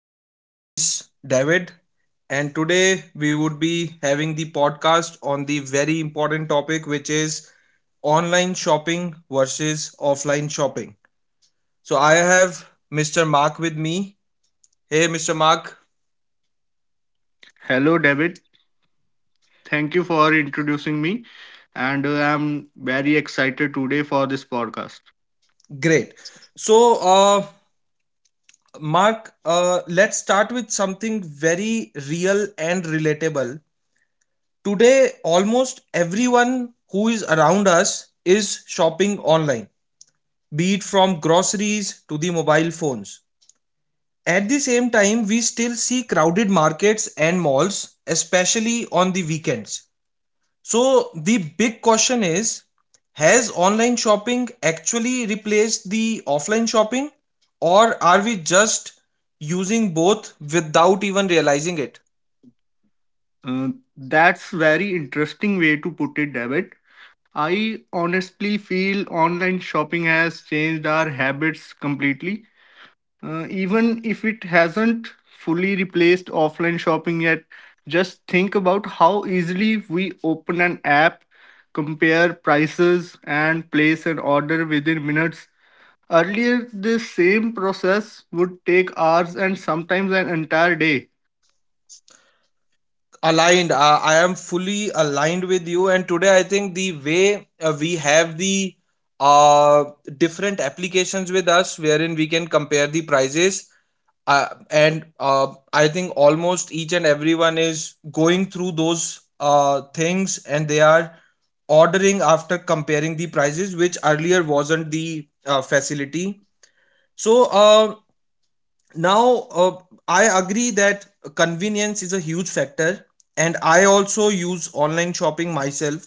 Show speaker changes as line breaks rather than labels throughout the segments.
my name is David, and today we would be having the podcast on the very important topic which is online shopping versus offline shopping. So I have Mr. Mark with me. Hey Mr. Mark,
Hello, David. Thank you for introducing me, and I'm very excited today for this podcast.
great. So Mark, let's start with something very real and relatable. Today almost everyone who is around us is shopping online, be it from groceries to the mobile phones. At the same time, we still see crowded markets and malls, especially on the weekends. So, the big question is, has online shopping actually replaced the offline shopping, or are we just using both without even realizing it?
Uh, that's very interesting way to put it, David. I honestly feel online shopping has changed our habits completely. Even if it hasn't fully replaced offline shopping yet, just think about how easily we open an app, compare prices, and place an order within minutes. Earlier, this same process would take hours and sometimes an entire day.
Aligned, I am fully aligned with you. And today I think the way we have the uh, different applications with us, wherein we can compare the prices, and I think almost each and everyone is going through those things and they are ordering after comparing the prices, which earlier wasn't the facility. So now I agree that convenience is a huge factor, and I also use online shopping myself,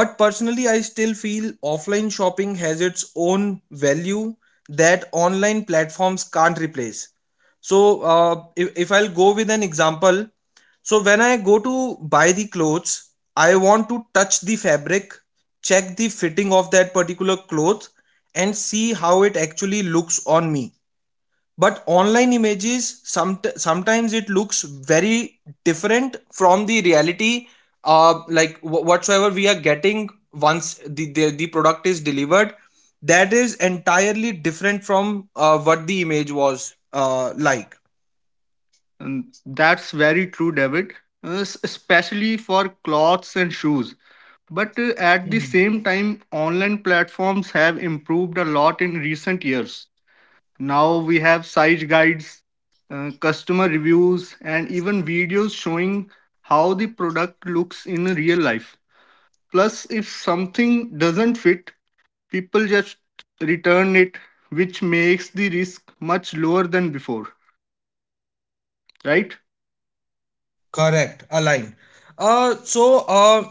but personally I still feel offline shopping has its own value that online platforms can't replace. So if I'll go with an example, so when I go to buy the clothes, I want to touch the fabric, check the fitting of that particular cloth, and see how it actually looks on me. But online images, sometimes it looks very different from the reality. Whatsoever we are getting, once the product is delivered, that is entirely different from what the image was. uh like
And that's very true, David, especially for clothes and shoes. But at the
Mhm.
same time, online platforms have improved a lot in recent years. Now we have size guides, customer reviews, and even videos showing how the product looks in real life. Plus, if something doesn't fit, people just return it, which makes the risk much lower than before, right?
Correct, aligned. uh so uh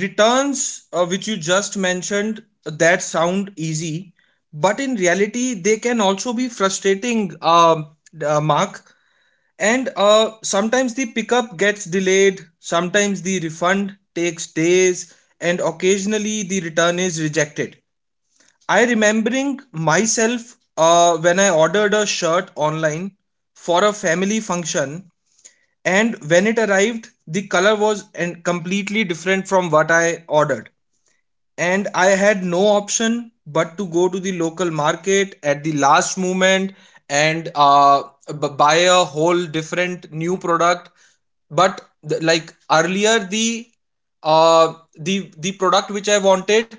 Returns, which you just mentioned, that sound easy, but in reality they can also be frustrating. um Mark, and sometimes the pickup gets delayed, sometimes the refund takes days, and occasionally the return is rejected. I remembering myself, when I ordered a shirt online for a family function, and when it arrived, the color was and completely different from what I ordered. And I had no option but to go to the local market at the last moment and buy a whole different new product. But the, like earlier uh the product which I wanted,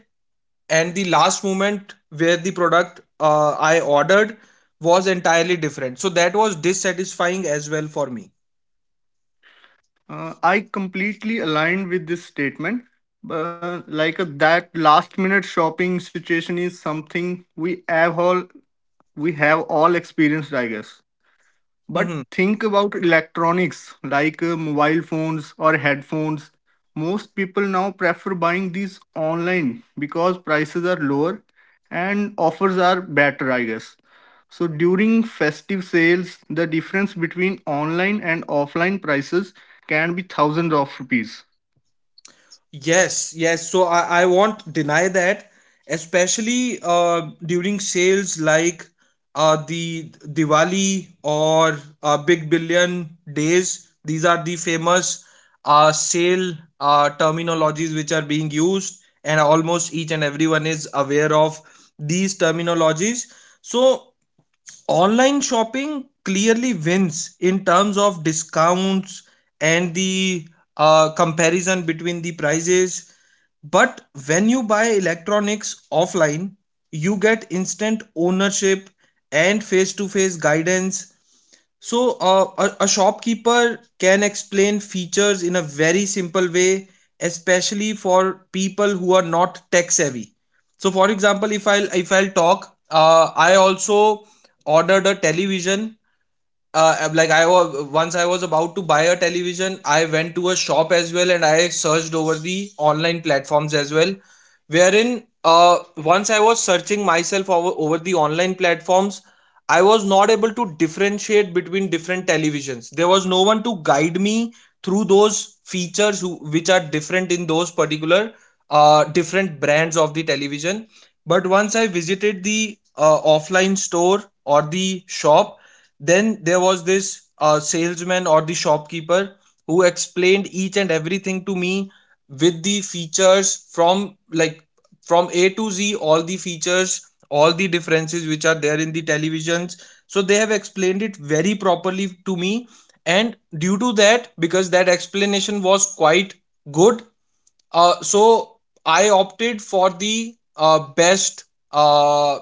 and the last moment where the product I ordered, was entirely different, so that was dissatisfying as well for me.
I completely aligned with this statement. But like that last minute shopping situation is something we have all experienced, I guess. But think about electronics like mobile phones or headphones. Most people now prefer buying these online because prices are lower and offers are better, I guess. So during festive sales, the difference between online and offline prices can be thousands of rupees.
Yes, yes. So I won't deny that, especially during sales like the Diwali or Big Billion Days. These are the famous sale terminologies which are being used, and almost each and everyone is aware of these terminologies. So online shopping clearly wins in terms of discounts and the comparison between the prices. But when you buy electronics offline, you get instant ownership and face to face guidance. So a shopkeeper can explain features in a very simple way, especially for people who are not tech savvy. So, for example, if I'll talk, I also ordered a television, like I was about to buy a television, I went to a shop as well and I searched over the online platforms as well, wherein once I was searching myself over the online platforms, I was not able to differentiate between different televisions. There was no one to guide me through those features who, which are different in those particular different brands of the television. But once I visited the offline store or the shop, then there was this salesman or the shopkeeper who explained each and everything to me with the features, from A to Z, all the features, all the differences which are there in the televisions. So they have explained it very properly to me. And due to that, because that explanation was quite good, uh, so I opted for the uh,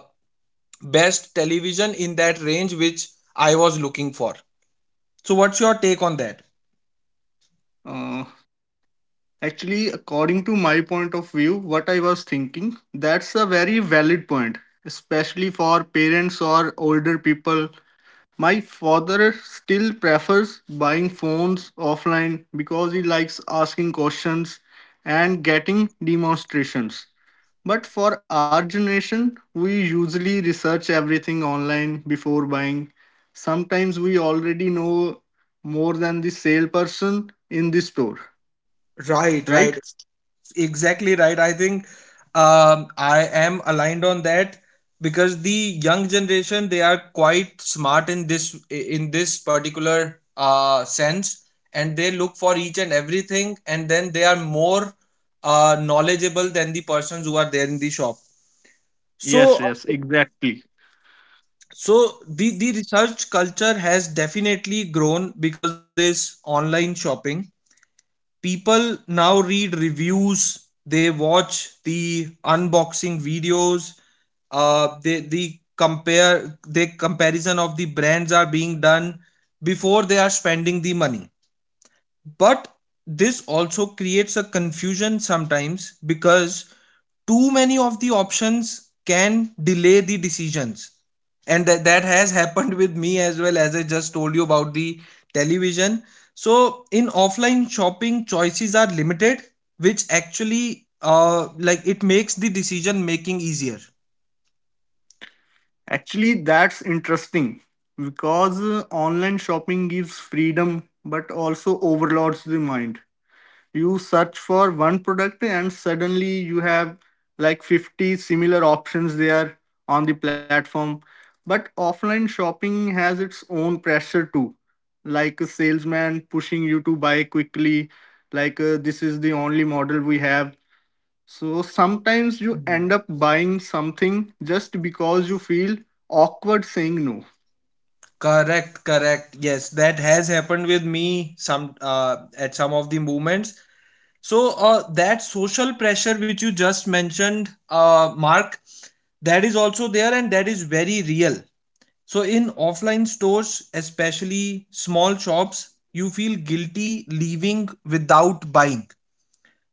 best television in that range which I was looking for. So what's your take on that?
Uh, Actually, according to my point of view, what I was thinking, that's a very valid point, especially for parents or older people. My father still prefers buying phones offline because he likes asking questions and getting demonstrations. But for our generation, we usually research everything online before buying. Sometimes we already know more than the salesperson in the store,
Right,
right?
right. Exactly right. I think I am aligned on that because the young generation, they are quite smart in this particular sense, and they look for each and everything, and then they are more knowledgeable than the persons who are there in the shop.
Yes,
So
yes, exactly.
so the research culture has definitely grown because of this online shopping. People now read reviews, they watch the unboxing videos, they the compare the comparison of the brands are being done before they are spending the money. But this also creates a confusion sometimes because too many of the options can delay the decisions, and that has happened with me as well, as I just told you about the television. So in offline shopping choices are limited, which actually it makes the decision making easier.
Actually, that's interesting because online shopping gives freedom but also overloads the mind. You search for one product and suddenly you have like 50 similar options there on the platform. But offline shopping has its own pressure too, like a salesman pushing you to buy quickly, like this is the only model we have. So sometimes you
Hmm.
end up buying something just because you feel awkward saying no.
Correct, correct, yes, that has happened with me some at some of the moments. So that social pressure which you just mentioned, Mark, that is also there and that is very real. So in offline stores, especially small shops, you feel guilty leaving without buying.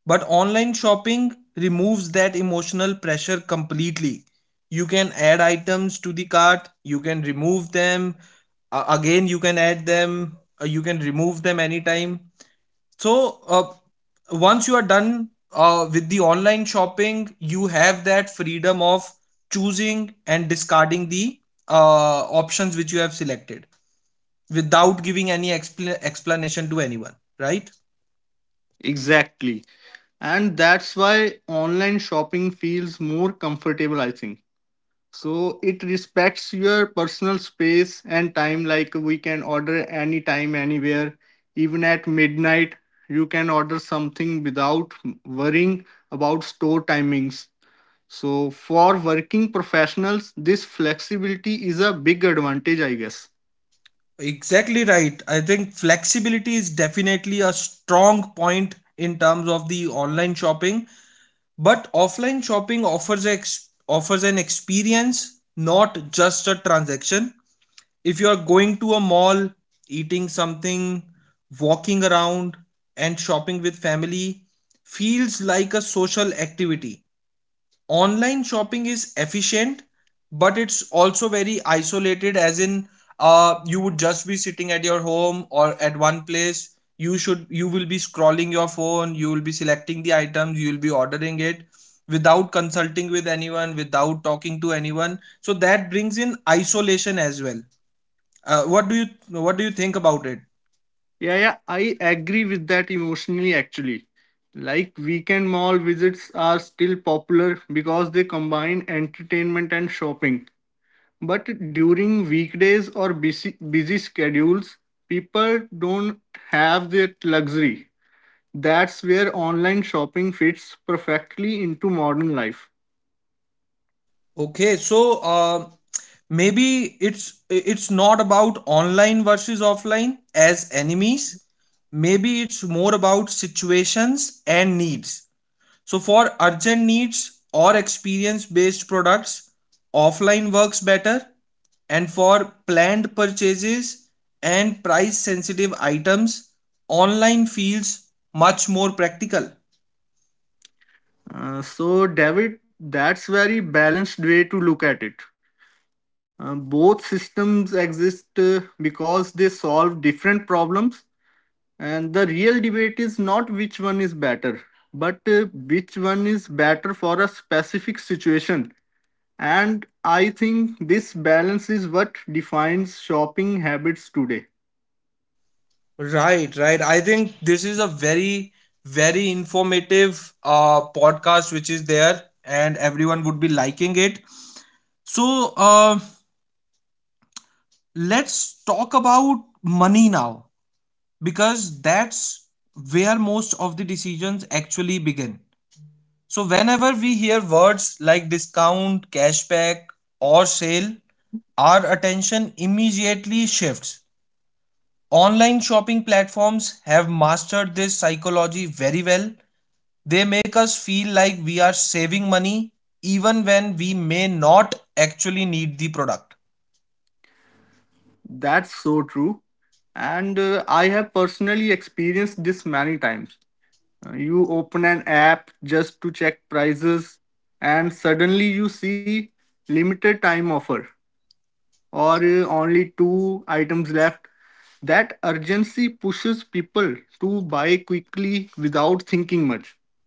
But online shopping removes that emotional pressure completely. You can add items to the cart, you can remove them, again you can add them, you can remove them anytime. so uh, Once you are done with the online shopping, you have that freedom of choosing and discarding the uh, options which you have selected without giving any explanation to anyone, right?
Exactly, and that's why online shopping feels more comfortable, I think. So it respects your personal space and time. Like, we can order anytime, anywhere, even at midnight. You can order something without worrying about store timings. So for working professionals, this flexibility is a big advantage, I guess.
Exactly right. I think flexibility is definitely a strong point in terms of the online shopping, but offline shopping offers an experience, not just a transaction. If you are going to a mall, eating something, walking around, and shopping with family feels like a social activity. Online shopping is efficient, but it's also very isolated, as in, you would just be sitting at your home or at one place. You should, you will be scrolling your phone, you will be selecting the items, you will be ordering it without consulting with anyone, without talking to anyone. So that brings in isolation as well. What do you think about it?
Yeah, yeah, I agree with that emotionally actually. Like weekend mall visits are still popular because they combine entertainment and shopping. But during weekdays or busy schedules, people don't have that luxury. That's where online shopping fits perfectly into modern life.
Okay, so maybe it's not about online versus offline as enemies. Maybe it's more about situations and needs. So for urgent needs or experience based products, offline works better, and for planned purchases and price sensitive items, online feels much more practical.
So, David, that's very balanced way to look at it. Both systems exist because they solve different problems, and the real debate is not which one is better, but which one is better for a specific situation. And I think this balance is what defines shopping habits today.
Right, right. I think this is a very, very informative podcast which is there, and everyone would be liking it. So, uh, let's talk about money now, because that's where most of the decisions actually begin. So, whenever we hear words like discount, cashback, or sale, our attention immediately shifts. Online shopping platforms have mastered this psychology very well. They make us feel like we are saving money even when we may not actually need the product.
That's so true. And I have personally experienced this many times. You open an app just to check prices, and suddenly you see limited time offer or only two items left. That urgency pushes people to buy quickly without thinking much.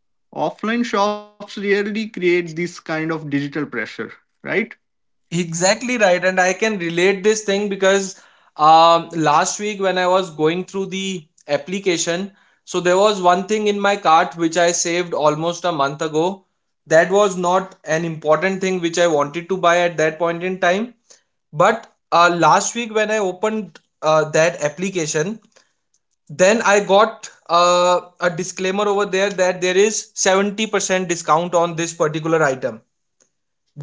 Offline shops rarely create this kind of digital pressure, right?
Exactly right, and I can relate this thing because last week when I was going through the application, so there was one thing in my cart which I saved almost a month ago. That was not an important thing which I wanted to buy at that point in time. But last week when I opened that application, then I got a disclaimer over there that there is 70% discount on this particular item.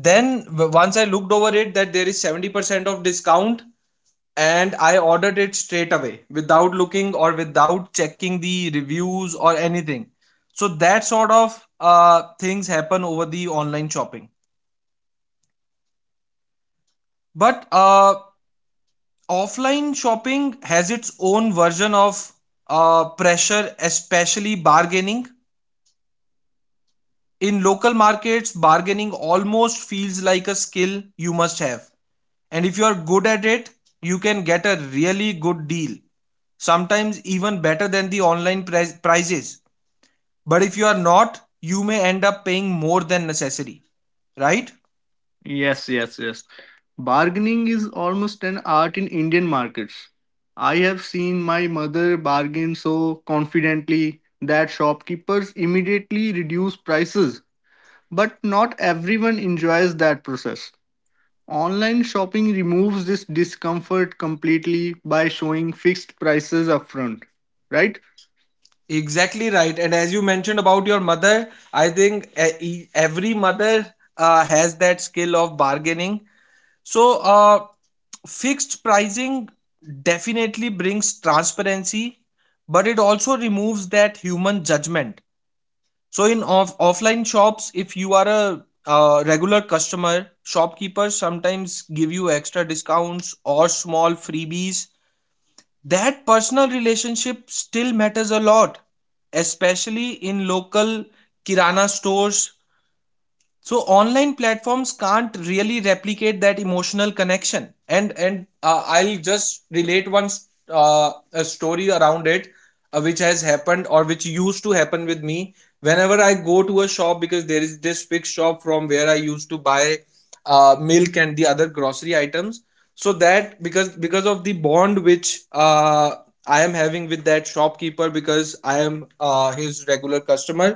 Then once I looked over it that there is 70% of discount, and I ordered it straight away without looking or without checking the reviews or anything. So that sort of things happen over the online shopping. But offline shopping has its own version of pressure, especially bargaining. In local markets, bargaining almost feels like a skill you must have. And if you are good at it, you can get a really good deal, sometimes even better than the prices. But if you are not, you may end up paying more than necessary, right?
Yes, yes, yes. Bargaining is almost an art in Indian markets. I have seen my mother bargain so confidently that shopkeepers immediately reduce prices, but not everyone enjoys that process. Online shopping removes this discomfort completely by showing fixed prices upfront, right?
Exactly right. And as you mentioned about your mother, I think every mother has that skill of bargaining. So, uh, Fixed pricing definitely brings transparency, but it also removes that human judgment. So in offline shops, if you are a regular customer, shopkeepers sometimes give you extra discounts or small freebies. That personal relationship still matters a lot, especially in local kirana stores. So online platforms can't really replicate that emotional connection, and I'll just relate a story around it, which has happened or which used to happen with me whenever I go to a shop. Because there is this fixed shop from where I used to buy milk and the other grocery items. So that, because of the bond which I am having with that shopkeeper, because I am his regular customer,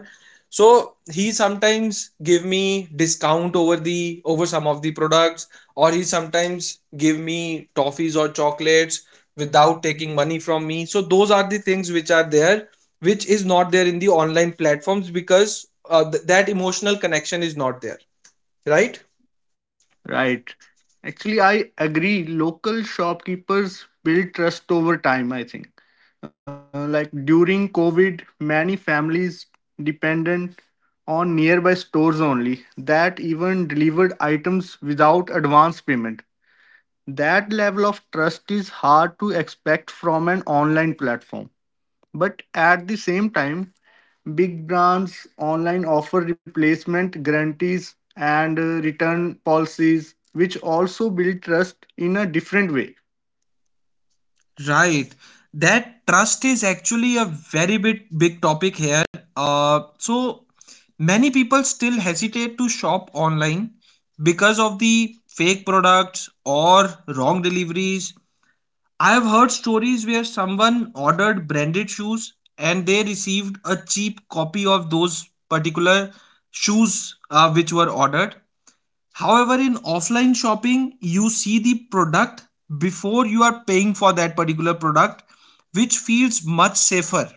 so he sometimes give me discount over the over some of the products, or he sometimes give me toffees or chocolates without taking money from me. So those are the things which are there, which is not there in the online platforms, because that emotional connection is not there, right.
Right. Actually, I agree. Local shopkeepers build trust over time, I think. Like during COVID, many families dependent on nearby stores only that even delivered items without advance payment. That level of trust is hard to expect from an online platform. But at the same time, big brands online offer replacement guarantees and return policies, which also build trust in a different way.
Right. That trust is actually a very bit big topic here. So many people still hesitate to shop online because of the fake products or wrong deliveries. I've heard stories where someone ordered branded shoes and they received a cheap copy of those particular shoes which were ordered. However, in offline shopping, you see the product before you are paying for that particular product, which feels much safer.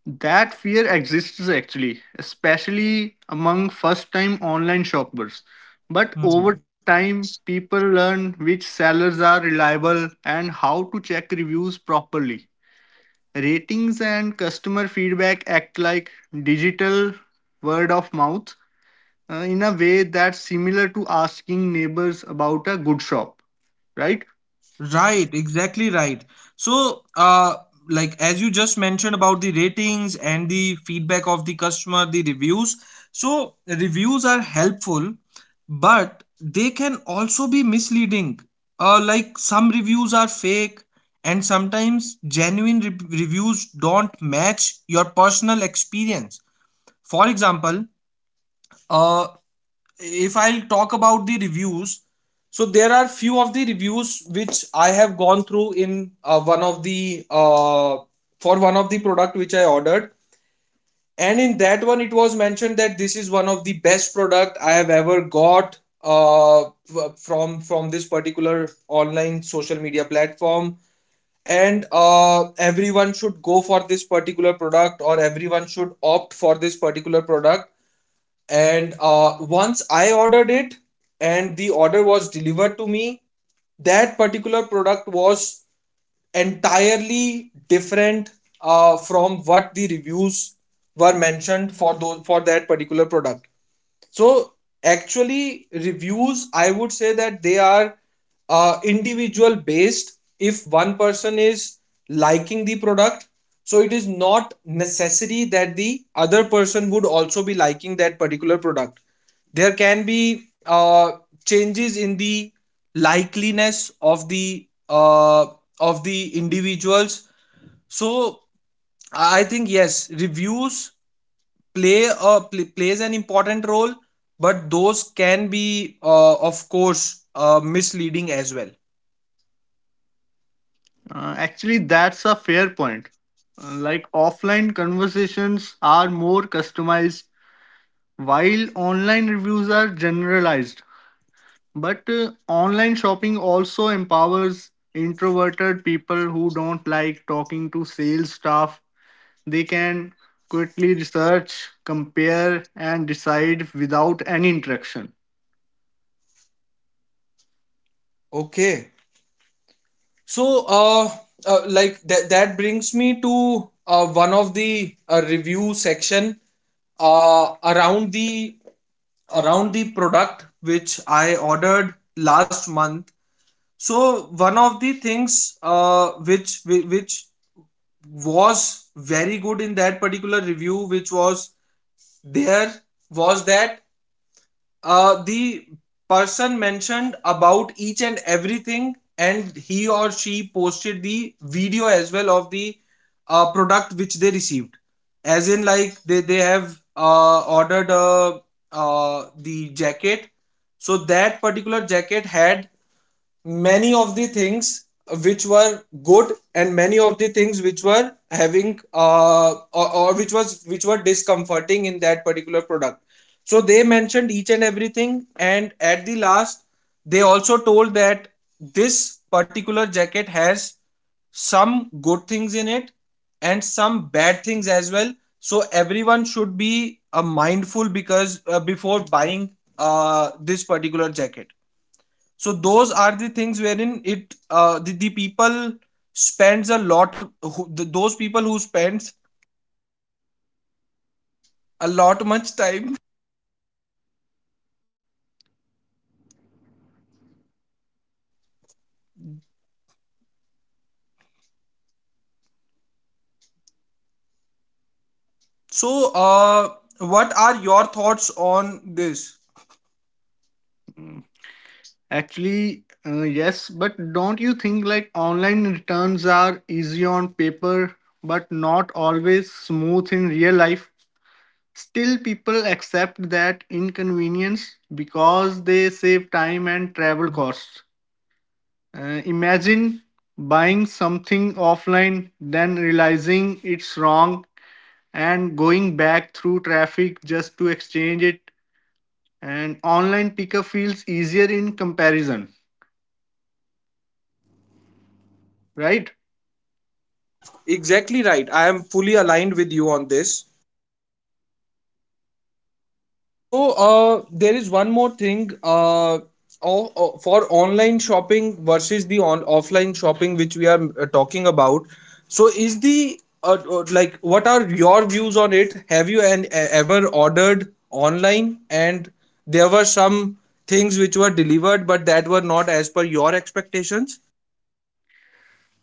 That fear exists actually, especially among first time online shoppers. But over time, people learn which sellers are reliable and how to check reviews properly. Ratings and customer feedback act like digital word of mouth in a way that's similar to asking neighbors about a good shop, right?
Right, exactly right. So, like as you just mentioned about the ratings and the feedback of the customer, the reviews. So, reviews are helpful, but they can also be misleading. Like some reviews are fake, and sometimes genuine reviews don't match your personal experience. For example, uh, if I'll talk about the reviews, so there are few of the reviews which I have gone through in one of the for one of the product which I ordered, and in that one it was mentioned that this is one of the best product I have ever got uh, from this particular online social media platform, and everyone should go for this particular product or everyone should opt for this particular product. And once I ordered it and the order was delivered to me, that particular product was entirely different from what the reviews were mentioned for those for that particular product. So actually reviews, I would say that they are individual based. If one person is liking the product, so it is not necessary that the other person would also be liking that particular product. There can be changes in the likeliness of the individuals. So I think, yes, reviews plays an important role, but those can be, of course, misleading as well.
Actually, that's a fair point. Like offline conversations are more customized, while online reviews are generalized. But online shopping also empowers introverted people who don't like talking to sales staff. They can quickly research, compare, and decide without any interaction.
Okay. So that brings me to one of the review section uh around the product which I ordered last month. So one of the things, which was very good in that particular review, which was there, was that the person mentioned about each and everything, and he or she posted the video as well of the product which they received. As in like they, they have ordered the jacket. So that particular jacket had many of the things which were good and many of the things which were having, or which was which were discomforting in that particular product. So they mentioned each and everything, and at the last they also told that this particular jacket has some good things in it and some bad things as well. So everyone should be, mindful, because before buying this particular jacket. So those are the things wherein it, the people spends a lot, those people who spends a lot much time. So what are your thoughts on this?
Mm. Actually, yes, but don't you think like online returns are easy on paper but not always smooth in real life? Still, people accept that inconvenience because they save time and travel costs. Imagine buying something offline, then realizing it's wrong and going back through traffic just to exchange it. And online pickup feels easier in comparison, right?
Exactly right, I am fully aligned with you on this. So there is one more thing, for online shopping versus the on offline shopping which we are talking about. So is the like, what are your views on it? Have you ever ordered online and there were some things which were delivered but that were not as per your expectations?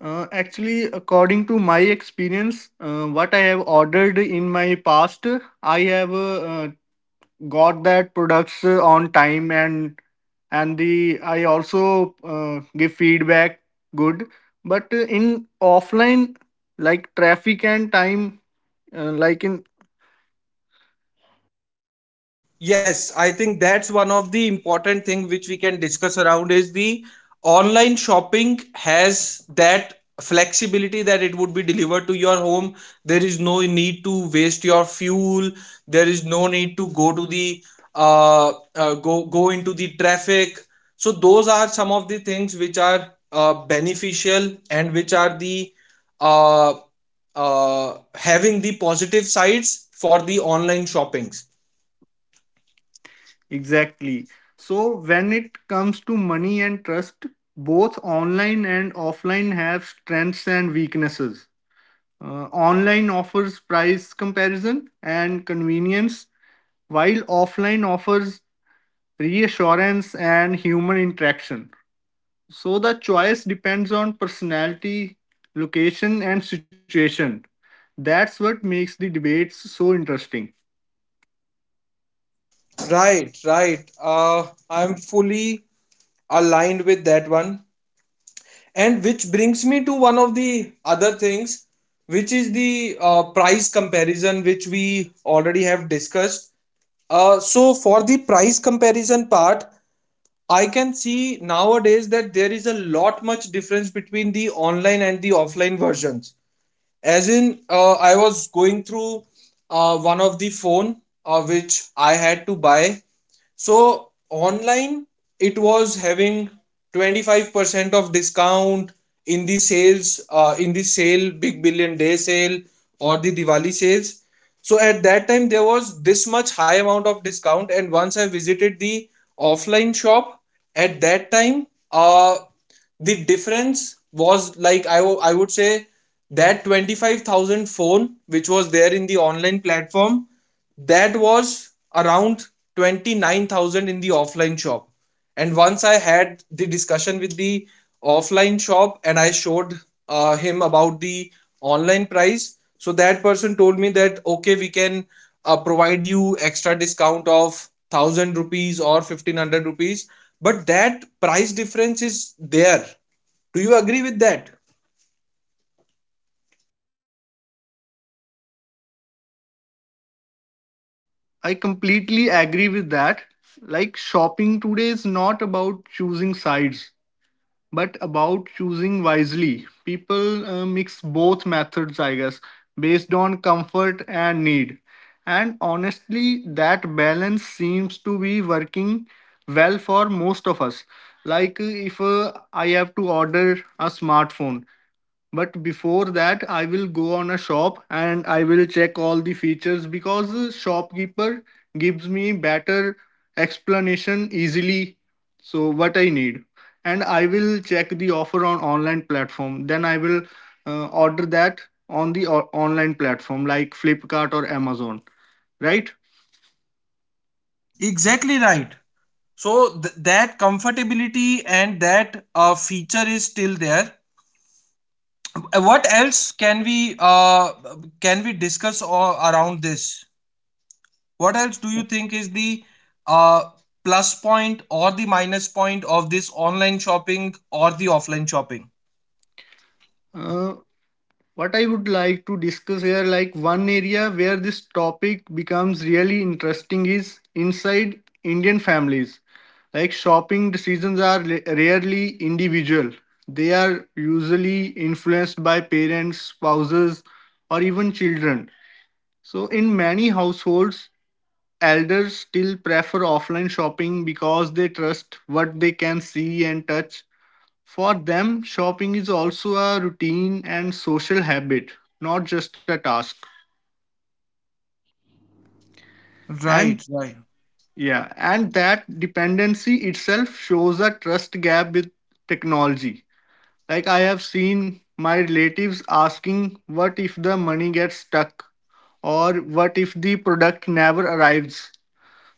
Actually, according to my experience, what I have ordered in my past, I have got that products on time, and the I also give feedback good. But in offline, like traffic and time, uh, like in.
Yes, I think that's one of the important thing which we can discuss around, is the online shopping has that flexibility that it would be delivered to your home. There is no need to waste your fuel. There is no need to go to the go go into the traffic. So those are some of the things which are beneficial, and which are the uh, having the positive sides for the online shoppings.
Exactly. So when it comes to money and trust, both online and offline have strengths and weaknesses. Online offers price comparison and convenience, while offline offers reassurance and human interaction. So the choice depends on personality, location, and situation. That's what makes the debates so interesting.
Right, right. I'm fully aligned with that one. And which brings me to one of the other things, which is the price comparison, which we already have discussed. So, for the price comparison part, I can see nowadays that there is a lot much difference between the online and the offline versions. As in, I was going through one of the phone which I had to buy. So online it was having 25% of discount in the sales, in the sale big billion day sale or the diwali sales. So at that time there was this much high amount of discount, and once I visited the offline shop, at that time, uh the difference was like, I would say that 25,000 phone which was there in the online platform, that was around 29,000 in the offline shop. And once I had the discussion with the offline shop and I showed him about the online price, so that person told me that okay, we can provide you extra discount of 1000 rupees or 1500 rupees, but that price difference is there. Do you agree with that?
I completely agree with that. Like, shopping today is not about choosing sides, but about choosing wisely. People mix both methods, I guess, based on comfort and need. And honestly, that balance seems to be working well for most of us. Like, if I have to order a smartphone, but before that I will go on a shop and I will check all the features, because the shopkeeper gives me better explanation easily, so what I need. And I will check the offer on online platform, then I will order that on the online platform like Flipkart or Amazon, right?
Exactly right. So that comfortability and that feature is still there. What else can we discuss or around this? What else do you think is the uh, plus point or the minus point of this online shopping or the offline shopping?
uh, What I would like to discuss here, like one area where this topic becomes really interesting is inside Indian families. Like shopping decisions are rarely individual. They are usually influenced by parents, spouses, or even children. So in many households, elders still prefer offline shopping because they trust what they can see and touch. For them, shopping is also a routine and social habit, not just a task. And
Right, right,
yeah, and that dependency itself shows a trust gap with technology. Like I have seen my relatives asking, what if the money gets stuck? Or what if the product never arrives?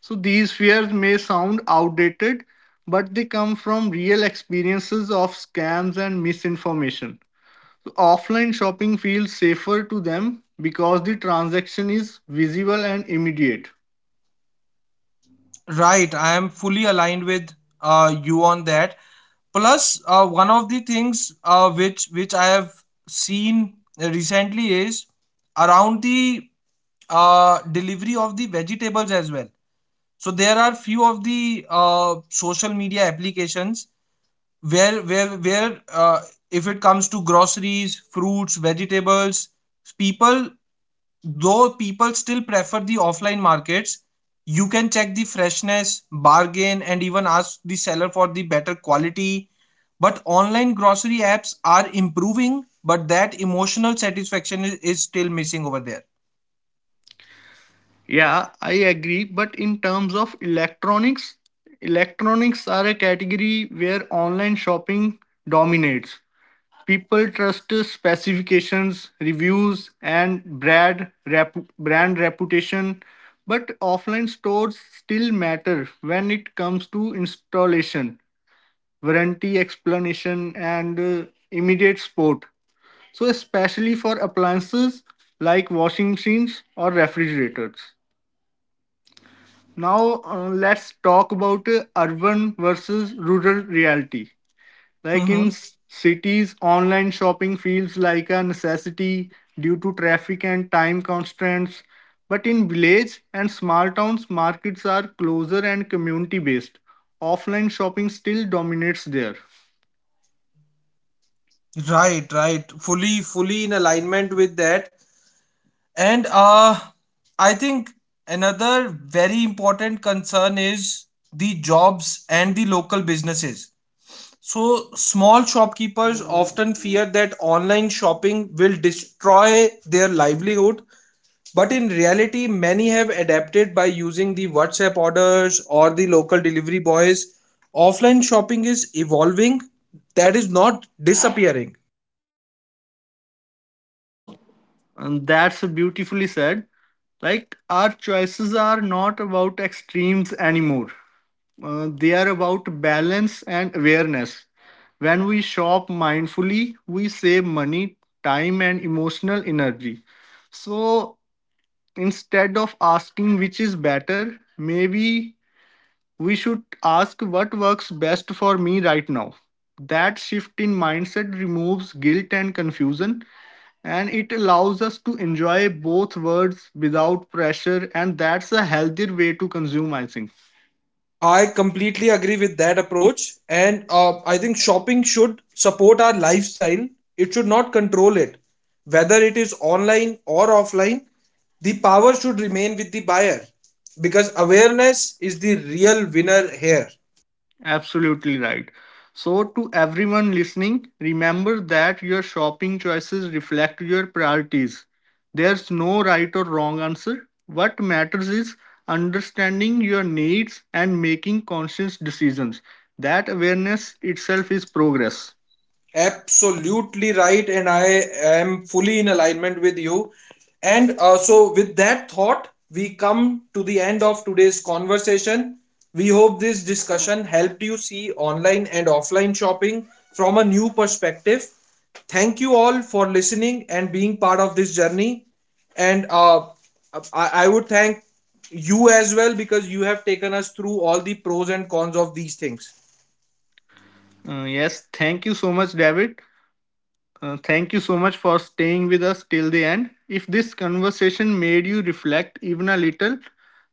So these fears may sound outdated, but they come from real experiences of scams and misinformation. So offline shopping feels safer to them because the transaction is visible and immediate.
right. I am fully aligned with, you on that. Plus, one of the things, which I have seen recently is around the delivery of the vegetables as well. So there are few of the social media applications where if it comes to groceries, fruits, vegetables, people people still prefer the offline markets. You can check the freshness, bargain, and even ask the seller for the better quality. But online grocery apps are improving, but that emotional satisfaction is still missing over there.
Yeah, I agree, but in terms of electronics, electronics are a category where online shopping dominates. People trust specifications, reviews, and brand reputation, but offline stores still matter when it comes to installation, warranty explanation, and immediate support. So, especially for appliances like washing machines or refrigerators. Now, let's talk about urban versus rural reality. Like,
Mhm.
in cities, online shopping feels like a necessity due to traffic and time constraints. But in village and small towns, markets are closer and community based. Offline shopping still dominates there.
Right, right, fully fully in alignment with that. And I think another very important concern is the jobs and the local businesses. So, small shopkeepers often fear that online shopping will destroy their livelihood. But in reality, many have adapted by using the WhatsApp orders or the local delivery boys. Offline shopping is evolving, that is not disappearing.
And that's beautifully said. Like, our choices are not about extremes anymore. They are about balance and awareness. When we shop mindfully, we save money, time, and emotional energy. So, instead of asking which is better, maybe we should ask what works best for me right now. That shift in mindset removes guilt and confusion, and it allows us to enjoy both words without pressure, and that's a healthier way to consume, I think.
I completely agree with that approach, and I think shopping should support our lifestyle. It should not control it. Whether it is online or offline, the power should remain with the buyer, because awareness is the real winner here.
Absolutely right. So to everyone listening, remember that your shopping choices reflect your priorities. There's no right or wrong answer. What matters is understanding your needs and making conscious decisions. That awareness itself is progress.
Absolutely right, and I am fully in alignment with you. And so, with that thought, we come to the end of today's conversation. We hope this discussion helped you see online and offline shopping from a new perspective. Thank you all for listening and being part of this journey. And I would thank you as well, because you have taken us through all the pros and cons of these things.
Yes, thank you so much, David. Thank you so much for staying with us till the end. If this conversation made you reflect even a little,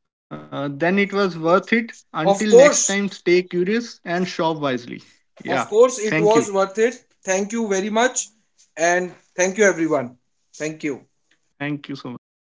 then it was worth it. Until
Of
next time,
course.
stay curious and shop wisely. Yeah.
Of course,
Thank
it
you.
was worth it. Thank you very much. And thank you, everyone. Thank you.
Thank you so much.